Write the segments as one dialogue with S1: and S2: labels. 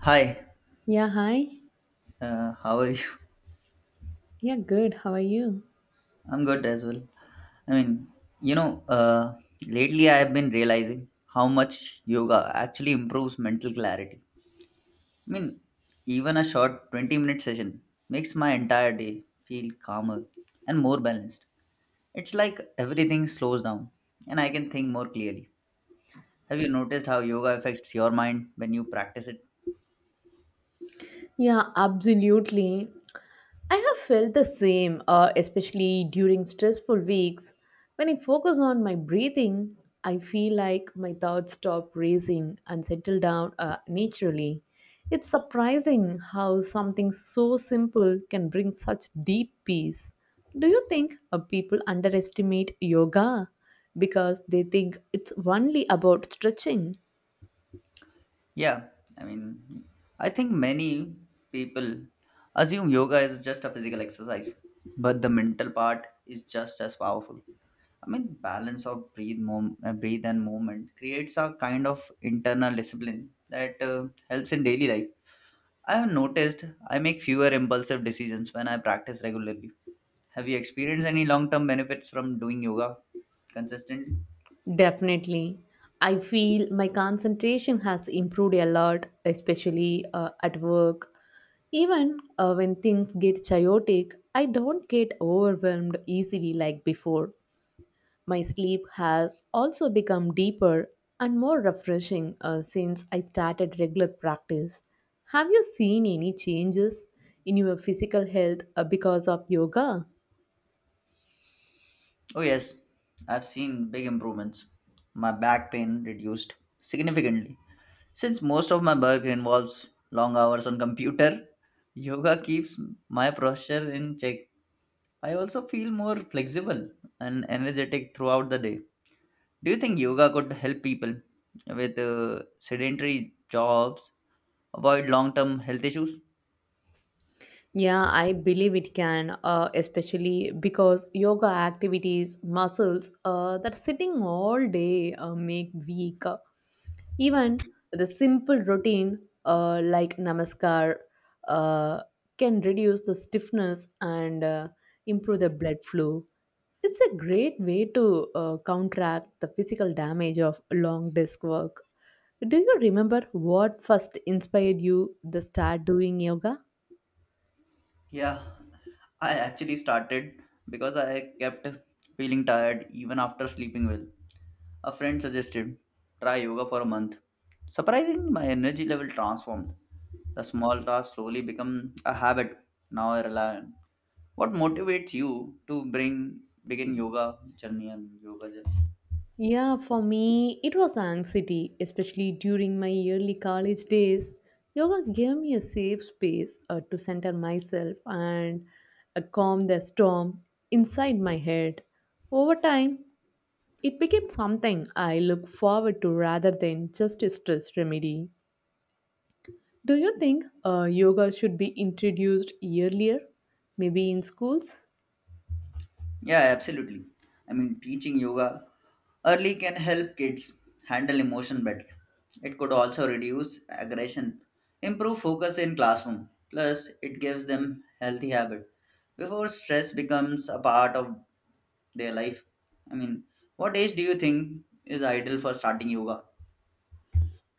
S1: Hi,
S2: Yeah, hi.
S1: how are you?
S2: Yeah, good. How are you?
S1: I'm good as well. I mean, you know, uh, Lately I have been realizing how much yoga actually improves mental clarity. I mean, even a short 20-minute session makes my entire day feel calmer and more balanced. It's like everything slows down and I can think more clearly. Have you noticed how yoga affects your mind when you practice it?
S2: Yeah, absolutely. I have felt the same, especially during stressful weeks. When I focus on my breathing, I feel like my thoughts stop racing and settle down naturally. It's surprising how something so simple can bring such deep peace. Do you think people underestimate yoga because they think it's only about stretching?
S1: Yeah, I mean, I think many people assume yoga is just a physical exercise, but the mental part is just as powerful. I mean, balance of breathe, breathe and movement creates a kind of internal discipline that helps in daily life. I have noticed I make fewer impulsive decisions when I practice regularly. Have you experienced any long-term benefits from doing yoga consistently?
S2: Definitely. I feel my concentration has improved a lot, especially at work. Even when things get chaotic, I don't get overwhelmed easily like before. My sleep has also become deeper and more refreshing since I started regular practice. Have you seen any changes in your physical health because of yoga?
S1: Oh yes, I've seen big improvements. My back pain reduced significantly. Since most of my work involves long hours on computer, yoga keeps my posture in check. I also feel more flexible and energetic throughout the day. Do you think yoga could help people with sedentary jobs avoid long-term health issues?
S2: Yeah, I believe it can, especially because yoga activities, muscles that sitting all day make weak. Even the simple routine like namaskar uh, can reduce the stiffness and improve the blood flow. It's a great way to counteract the physical damage of long desk work. Do you remember what first inspired you to start doing yoga?
S1: Yeah, I actually started because I kept feeling tired even after sleeping well. A friend suggested try yoga for a month. Surprisingly, my energy level transformed. The small task slowly become a habit. Now I rely on. What motivates you to bring begin yoga journey and yoga journey?
S2: Yeah, for me, it was anxiety, especially during my early college days. Yoga gave me a safe space to center myself and calm the storm inside my head. Over time, it became something I look forward to rather than just a stress remedy. Do you think yoga should be introduced earlier? Maybe in schools?
S1: Yeah, absolutely. I mean, teaching yoga early can help kids handle emotion better. It could also reduce aggression, improve focus in classroom. Plus, it gives them healthy habit before stress becomes a part of their life. I mean, what age do you think is ideal for starting yoga?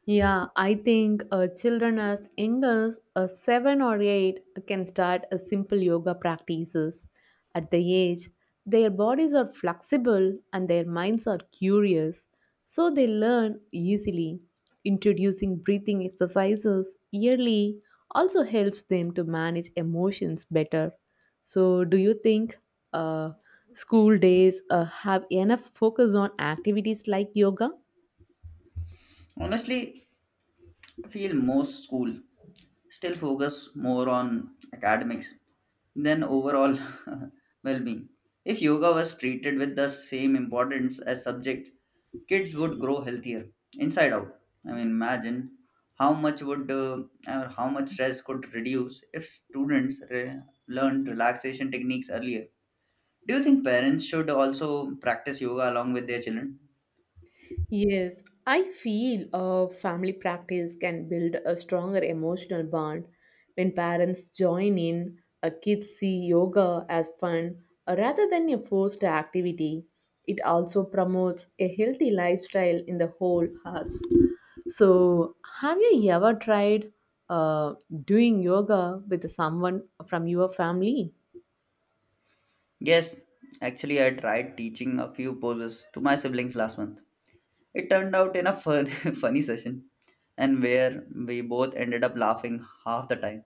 S2: Yeah, I think children as young as 7 or 8 can start a simple yoga practices. At the age, their bodies are flexible and their minds are curious, so they learn easily. Introducing breathing exercises yearly also helps them to manage emotions better. So, do you think uh, school days have enough focus on activities like yoga?
S1: Honestly, I feel most school still focus more on academics than overall well-being. If yoga was treated with the same importance as subjects, kids would grow healthier inside out. I mean, imagine how much stress could reduce if students learned relaxation techniques earlier. Do you think parents should also practice yoga along with their children?
S2: Yes, I feel a family practice can build a stronger emotional bond when parents join in. A kids see yoga as fun rather than a forced activity. It also promotes a healthy lifestyle in the whole house. So, have you ever tried uh, doing yoga with someone from your family?
S1: Yes, actually, I tried teaching a few poses to my siblings last month. It turned out in a fun, funny session and where we both ended up laughing half the time.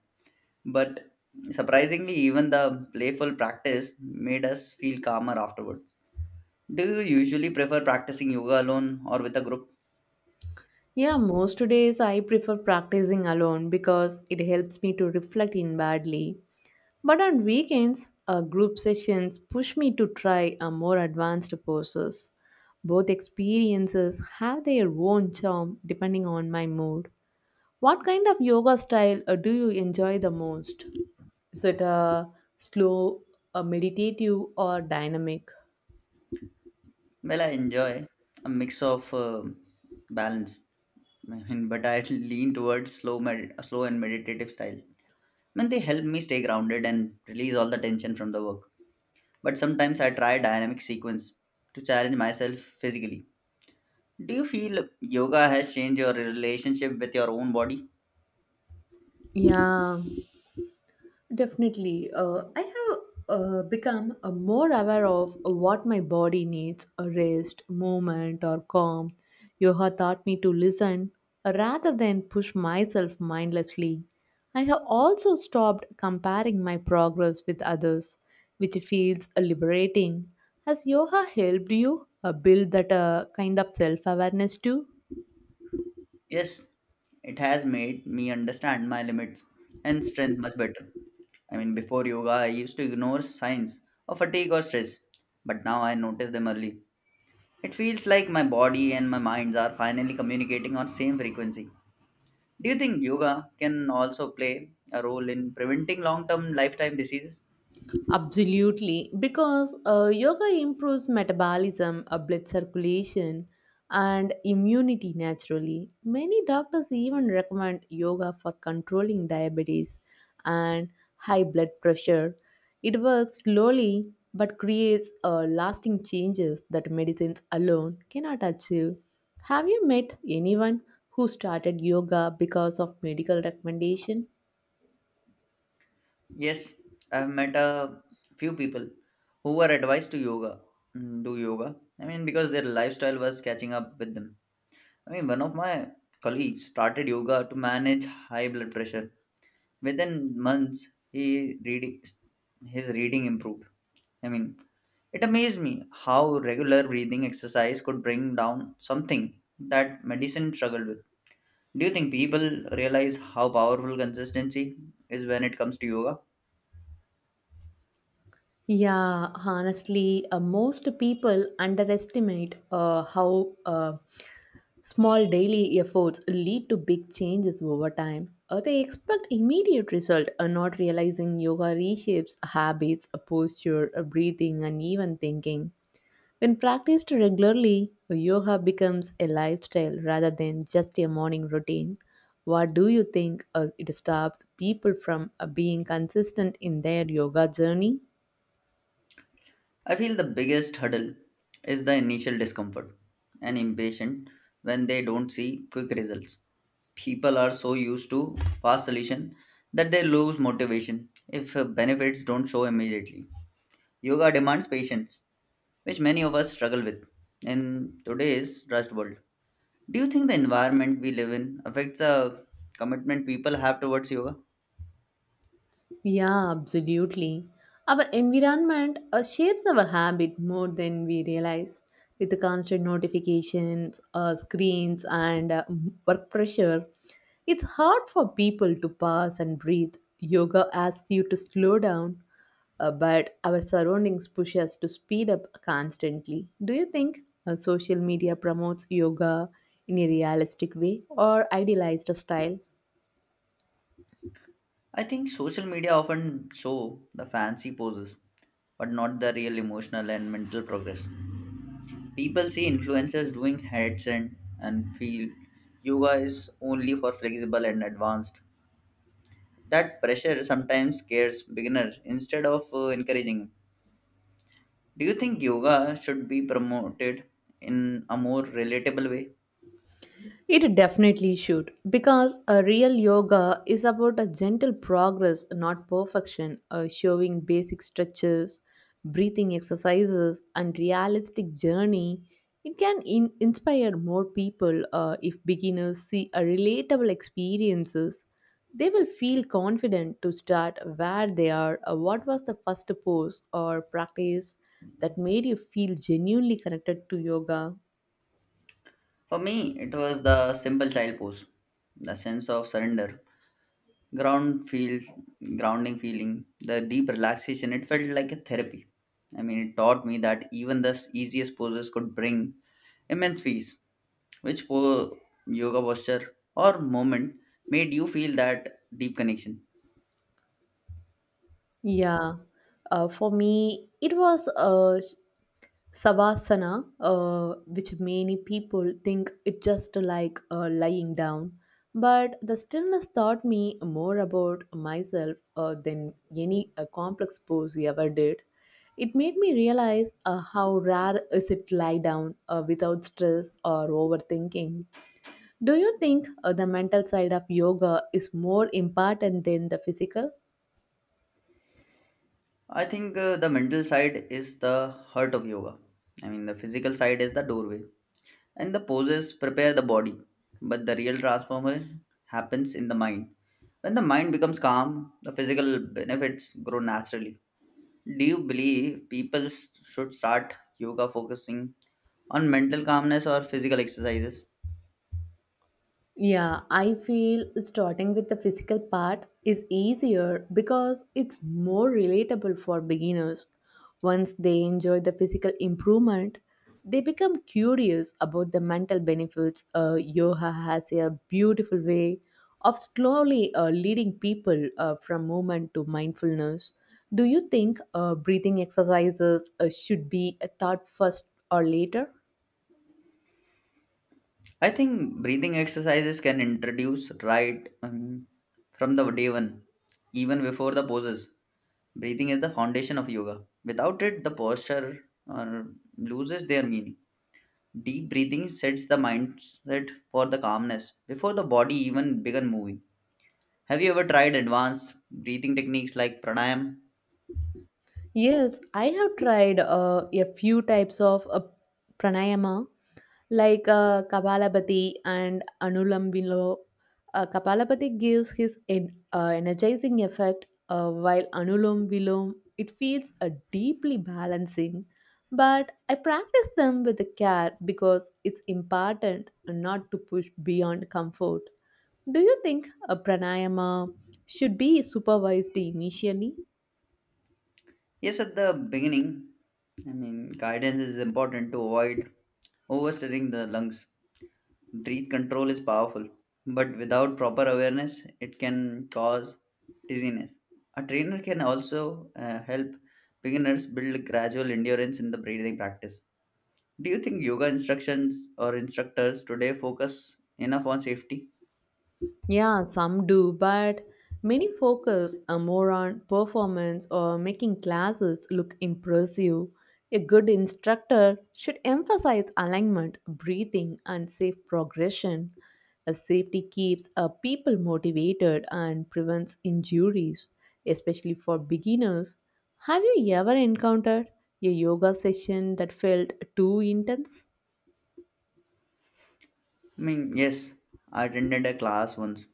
S1: But surprisingly, even the playful practice made us feel calmer afterward. Do you usually prefer practicing yoga alone or with a group?
S2: Yeah, most days I prefer practicing alone because it helps me to reflect inwardly. But on weekends, group sessions push me to try a more advanced poses. Both experiences have their own charm depending on my mood. What kind of yoga style do you enjoy the most? Is it a slow, a meditative, or dynamic?
S1: Well, I enjoy a mix of balance, I mean, but I lean towards slow, slow and meditative style. I mean, they help me stay grounded and release all the tension from the work. But sometimes I try dynamic sequence to challenge myself physically. Do you feel yoga has changed your relationship with your own body?
S2: Yeah, definitely. I have become more aware of what my body needs, a rest, movement, or calm. Yoga taught me to listen rather than push myself mindlessly. I have also stopped comparing my progress with others, which feels liberating. Has yoga helped you build that kind of self awareness too?
S1: Yes, it has made me understand my limits and strength much better. I mean, before yoga, I used to ignore signs of fatigue or stress, but now I notice them early. It feels like my body and my minds are finally communicating on same frequency. Do you think yoga can also play a role in preventing long-term lifetime diseases?
S2: Absolutely, because yoga improves metabolism, blood circulation, and immunity naturally. Many doctors even recommend yoga for controlling diabetes and high blood pressure. It works slowly but creates lasting changes that medicines alone cannot achieve. Have you met anyone who started yoga because of medical recommendation?
S1: Yes, I've met a few people who were advised to yoga, mm, do yoga. I mean, because their lifestyle was catching up with them. I mean, one of my colleagues started yoga to manage high blood pressure. Within months, he reading his reading improved. I mean, it amazed me how regular breathing exercise could bring down something that medicine struggled with. Do you think people realize how powerful consistency is when it comes to yoga?
S2: Yeah, honestly, most people underestimate how small daily efforts lead to big changes over time. They expect immediate result, not realizing yoga reshapes habits, posture, breathing, and even thinking. When practiced regularly, yoga becomes a lifestyle rather than just a morning routine. What do you think it stops people from being consistent in their yoga journey?
S1: I feel the biggest hurdle is the initial discomfort and impatient when they don't see quick results. People are so used to fast solution that they lose motivation if benefits don't show immediately. Yoga demands patience, which many of us struggle with in today's rushed world. Do you think the environment we live in affects the commitment people have towards yoga?
S2: Yeah, absolutely. Our environment shapes our habit more than we realize. With the constant notifications, screens, and work pressure, it's hard for people to pause and breathe. Yoga asks you to slow down, but our surroundings push us to speed up constantly. Do you think social media promotes yoga in a realistic way or idealized style?
S1: I think social media often show the fancy poses, but not the real emotional and mental progress. People see influencers doing handstand and feel yoga is only for flexible and advanced. That pressure sometimes scares beginners instead of encouraging them. Do you think yoga should be promoted in a more relatable way?
S2: It definitely should, because a real yoga is about a gentle progress, not perfection, showing basic stretches, breathing exercises, and realistic journey. It can inspire more people if beginners see a relatable experiences. They will feel confident to start where they are. What was the first pose or practice that made you feel genuinely connected to yoga?
S1: For me, it was the simple child pose, the sense of surrender, ground feel, grounding feeling, the deep relaxation, it felt like a therapy. I mean, it taught me that even the easiest poses could bring immense peace. which po- yoga posture or moment made you feel that deep connection?
S2: Yeah, for me, it was a savasana, which many people think it just like lying down. But the stillness taught me more about myself than any complex pose ever did. It made me realize how rare is it to lie down without stress or overthinking. Do you think the mental side of yoga is more important than the physical?
S1: I think the mental side is the heart of yoga. I mean, the physical side is the doorway. And the poses prepare the body, but the real transformation happens in the mind. When the mind becomes calm, the physical benefits grow naturally. Do you believe people should start yoga focusing on mental calmness or physical exercises?
S2: Yeah, I feel starting with the physical part is easier because it's more relatable for beginners. Once they enjoy the physical improvement, they become curious about the mental benefits. Yoga has a beautiful way of slowly leading people from movement to mindfulness. Do you think breathing exercises should be a thought first or later?
S1: I think breathing exercises can introduce right from the day one, even before the poses. Breathing is the foundation of yoga. Without it, the posture or loses their meaning. Deep breathing sets the mindset for the calmness before the body even began moving. Have you ever tried advanced breathing techniques like pranayam?
S2: Yes, I have tried a few types of pranayama like Kapalabhati and Anulam Vilo. Kapalabhati gives his energizing effect, while Anulom Vilom it feels a deeply balancing. But I practice them with care because it's important not to push beyond comfort. Do you think a pranayama should be supervised initially?
S1: Yes, at the beginning, I mean, guidance is important to avoid oversteering the lungs. Breath control is powerful, but without proper awareness, it can cause dizziness. A trainer can also help beginners build gradual endurance in the breathing practice. Do you think yoga instructions or instructors today focus enough on safety?
S2: Yeah, some do, but many focus more on performance or making classes look impressive. A good instructor should emphasize alignment, breathing, and safe progression. A safety keeps people motivated and prevents injuries, especially for beginners. Have you ever encountered a yoga session that felt too intense?
S1: I mean, yes, I attended a class once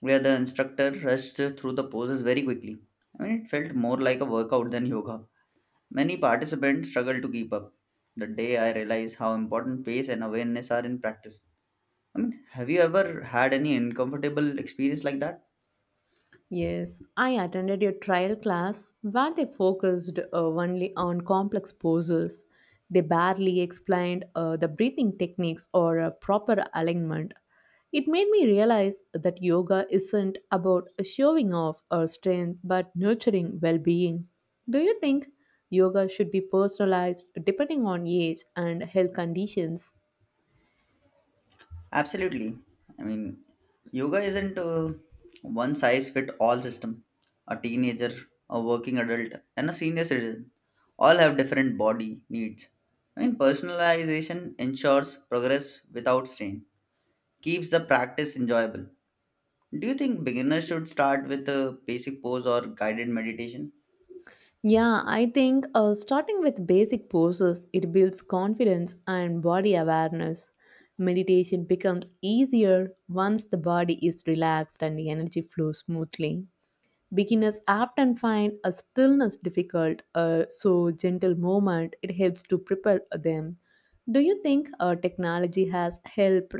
S1: where the instructor rushed through the poses very quickly. I mean, it felt more like a workout than yoga. Many participants struggled to keep up. The day I realized how important pace and awareness are in practice. I mean, have you ever had any uncomfortable experience like that?
S2: Yes, I attended a trial class where they focused only on complex poses. They barely explained the breathing techniques or proper alignment. It made me realize that yoga isn't about showing off or strength but nurturing well being. Do you think yoga should be personalized depending on age and health conditions?
S1: Absolutely. I mean, yoga isn't a one size fit all system. A teenager, a working adult, and a senior citizen all have different body needs. I mean, personalization ensures progress without strain, keeps the practice enjoyable. Do you think beginners should start with a basic pose or guided meditation?
S2: Yeah, I think starting with basic poses, it builds confidence and body awareness. Meditation becomes easier once the body is relaxed and the energy flows smoothly. Beginners often find a stillness difficult, so gentle movement it helps to prepare them. Do you think uh, technology has helped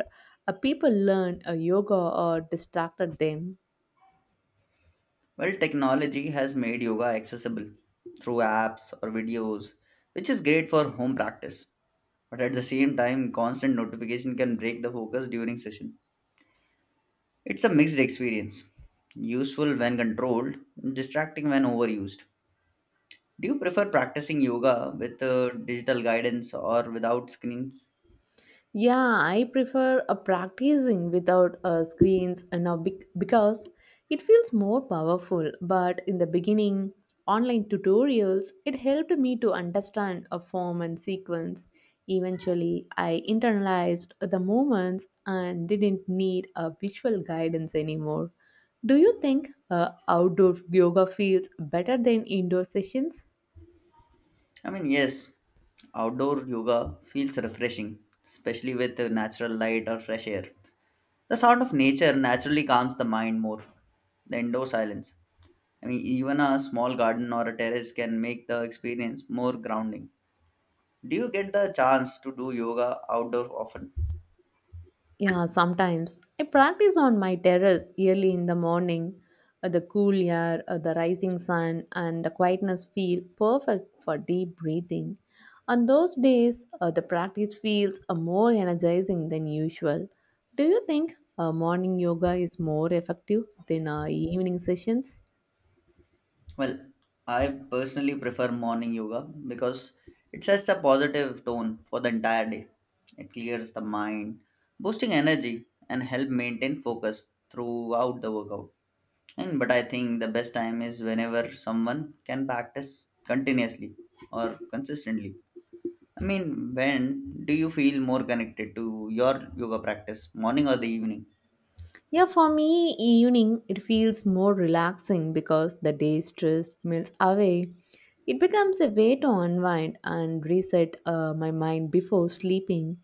S2: uh, people learn uh, yoga or distracted them?
S1: Well, technology has made yoga accessible through apps or videos, which is great for home practice. But at the same time constant notification can break the focus during session. It's a mixed experience, useful when controlled, distracting when overused. Do you prefer practicing yoga with digital guidance or without screens?
S2: Yeah, I prefer a practicing without screens and now because it feels more powerful. But in the beginning, online tutorials it helped me to understand a form and sequence. Eventually, I internalized the movements and didn't need a visual guidance anymore. Do you think outdoor yoga feels better than indoor sessions?
S1: I mean, yes, outdoor yoga feels refreshing, especially with natural light or fresh air. The sound of nature naturally calms the mind more the indoor silence. I mean, even a small garden or a terrace can make the experience more grounding. Do you get the chance to do yoga outdoor often?
S2: Yeah, sometimes I practice on my terrace early in the morning. The cool air, the rising sun, and the quietness feel perfect for deep breathing. On those days, the practice feels more energizing than usual. Do you think morning yoga is more effective than evening sessions?
S1: Well, I personally prefer morning yoga because it sets a positive tone for the entire day. It clears the mind, boosting energy and help maintain focus throughout the workout. And but I think the best time is whenever someone can practice continuously or consistently. I mean, when do you feel more connected to your yoga practice, morning or the evening?
S2: Yeah, for me, evening it feels more relaxing because the day's stress melts away. It becomes a way to unwind and reset my mind before sleeping.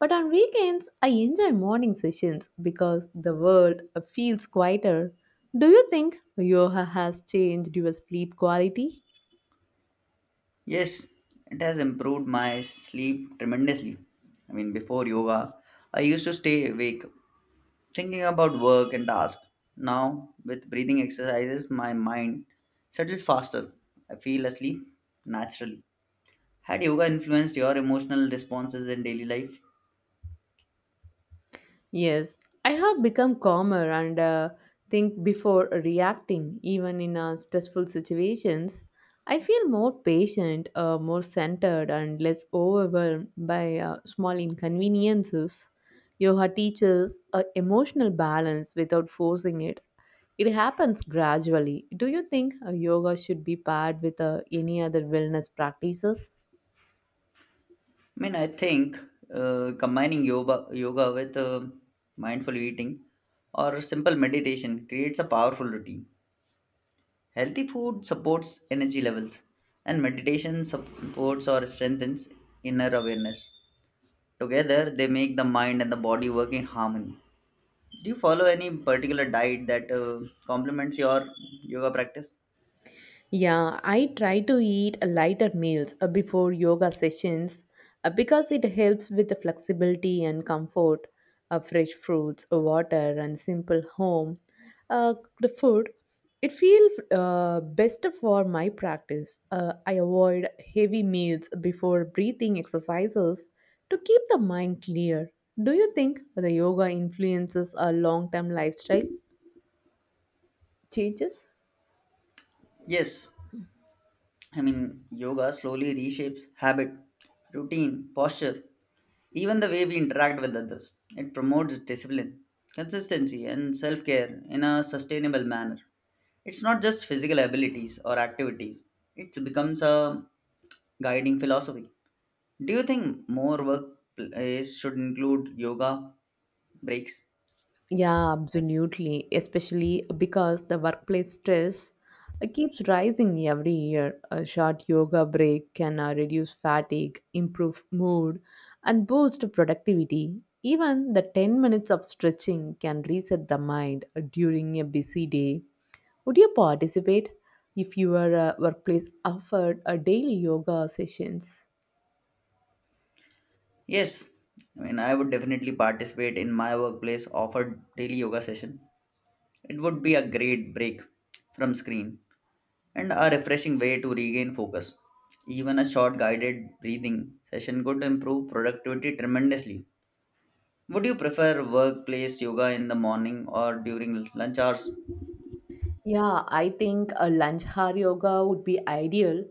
S2: But on weekends, I enjoy morning sessions because the world feels quieter. Do you think yoga has changed your sleep quality?
S1: Yes, it has improved my sleep tremendously. I mean, before yoga, I used to stay awake thinking about work and tasks. Now, with breathing exercises, my mind settles faster. I feel asleep naturally. Had yoga influenced your emotional responses in daily life?
S2: Yes, I have become calmer and think before reacting, even in stressful situations. I feel more patient, more centered, and less overwhelmed by small inconveniences. Yoga teaches emotional balance without forcing it. It happens gradually. Do you think yoga should be paired with any other wellness practices?
S1: I mean, I think combining yoga with mindful eating or simple meditation creates a powerful routine. Healthy food supports energy levels, and meditation supports or strengthens inner awareness. Together, they make the mind and the body work in harmony. Do you follow any particular diet that complements your yoga practice?
S2: Yeah, I try to eat lighter meals before yoga sessions because it helps with the flexibility and comfort. Fresh fruits, water, and simple home cooked food. It feels best for my practice. I avoid heavy meals before breathing exercises to keep the mind clear. Do you think the yoga influences a long-term lifestyle changes?
S1: Yes, I mean, yoga slowly reshapes habit, routine, posture, even the way we interact with others. It promotes discipline, consistency, and self care in a sustainable manner. It's not just physical abilities or activities, it becomes a guiding philosophy. Do you think more workplace should include yoga breaks?
S2: Yeah, absolutely. Especially because the workplace stress keeps rising every year. A short yoga break can reduce fatigue, improve mood, and boost productivity. Even the 10 minutes of stretching can reset the mind during a busy day. Would you participate if your workplace offered a daily yoga sessions?
S1: Yes, I mean, I would definitely participate in my workplace, offer daily yoga session. It would be a great break from screen and a refreshing way to regain focus. Even a short guided breathing session could improve productivity tremendously. Would you prefer workplace yoga in the morning or during lunch hours?
S2: Yeah, I think a lunch hour yoga would be ideal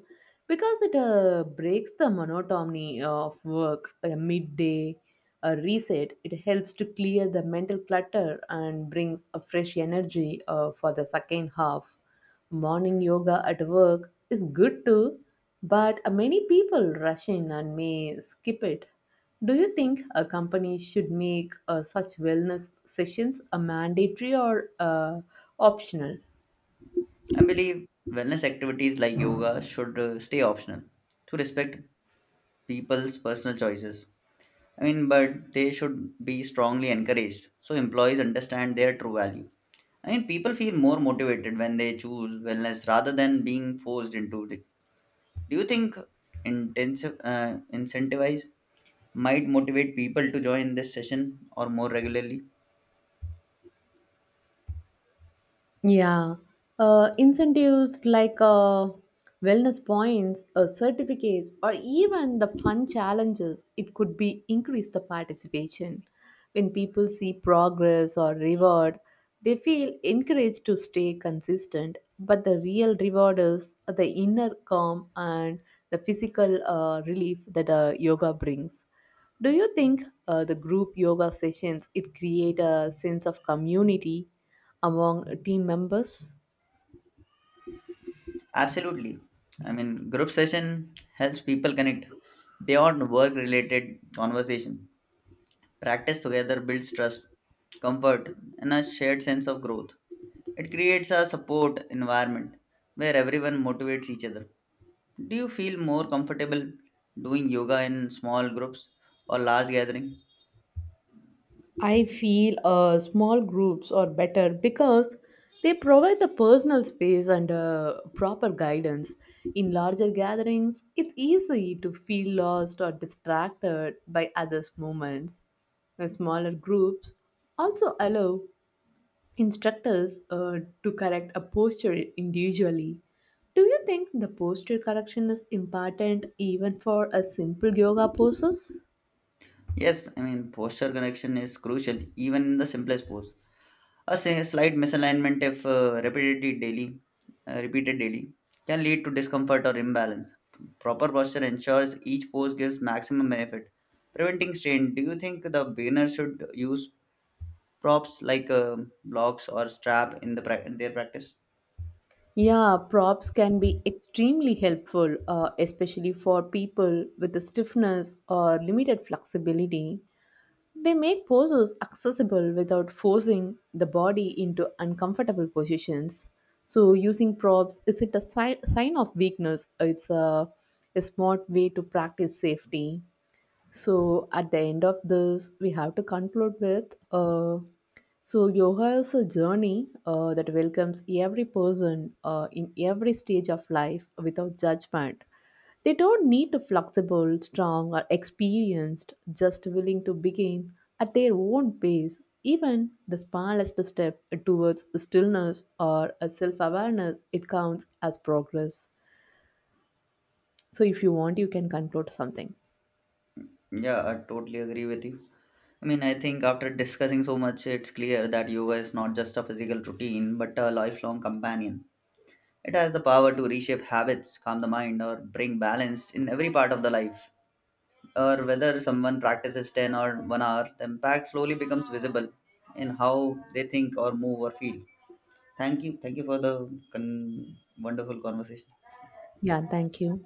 S2: because it breaks the monotony of work, a midday a reset. It helps to clear the mental clutter and brings a fresh energy for the second half. Morning yoga at work is good too, but many people rush in and may skip it. Do you think a company should make such wellness sessions a mandatory or optional?
S1: I believe wellness activities like yoga should stay optional to respect people's personal choices. I mean, but they should be strongly encouraged so employees understand their true value. I mean, people feel more motivated when they choose wellness rather than being forced into it. Do you think intensive incentivize might motivate people to join this session or more regularly?
S2: Yeah, incentives like wellness points, certificates, or even the fun challenges, it could be increase the participation. When people see progress or reward, they feel encouraged to stay consistent. But the real reward is the inner calm and the physical relief that yoga brings. Do you think the group yoga sessions it create a sense of community among team members?
S1: Absolutely. I mean, group session helps people connect beyond work-related conversation. Practice together builds trust, comfort, and a shared sense of growth. It creates a support environment where everyone motivates each other. Do you feel more comfortable doing yoga in small groups or large gathering?
S2: I feel small groups are better because they provide the personal space and proper guidance. In larger gatherings, it's easy to feel lost or distracted by others' movements. The smaller groups also allow instructors to correct a posture individually. Do you think the posture correction is important even for a simple yoga poses?
S1: Yes, I mean posture correction is crucial even in the simplest pose. A slight misalignment if repeated repeated daily, can lead to discomfort or imbalance. Proper posture ensures each pose gives maximum benefit, preventing strain. Do you think the beginner should use props like blocks or strap in the in their practice?
S2: Yeah, props can be extremely helpful, especially for people with a stiffness or limited flexibility. They make poses accessible without forcing the body into uncomfortable positions. So, using props isn't a sign of weakness, it's a smart way to practice safety. So at the end of this, we have to conclude with so yoga is a journey that welcomes every person in every stage of life without judgment. They don't need to flexible, strong, or experienced, just willing to begin at their own pace. Even the smallest step towards stillness or a self-awareness, it counts as progress. So if you want, you can conclude something.
S1: Yeah, I totally agree with you. I mean, I think after discussing so much, it's clear that yoga is not just a physical routine, but a lifelong companion. It has the power to reshape habits, calm the mind, or bring balance in every part of the life. Or whether someone practices 10 or 1 hour, the impact slowly becomes visible in how they think or move or feel. Thank you. Thank you for the wonderful conversation.
S2: Yeah, thank you.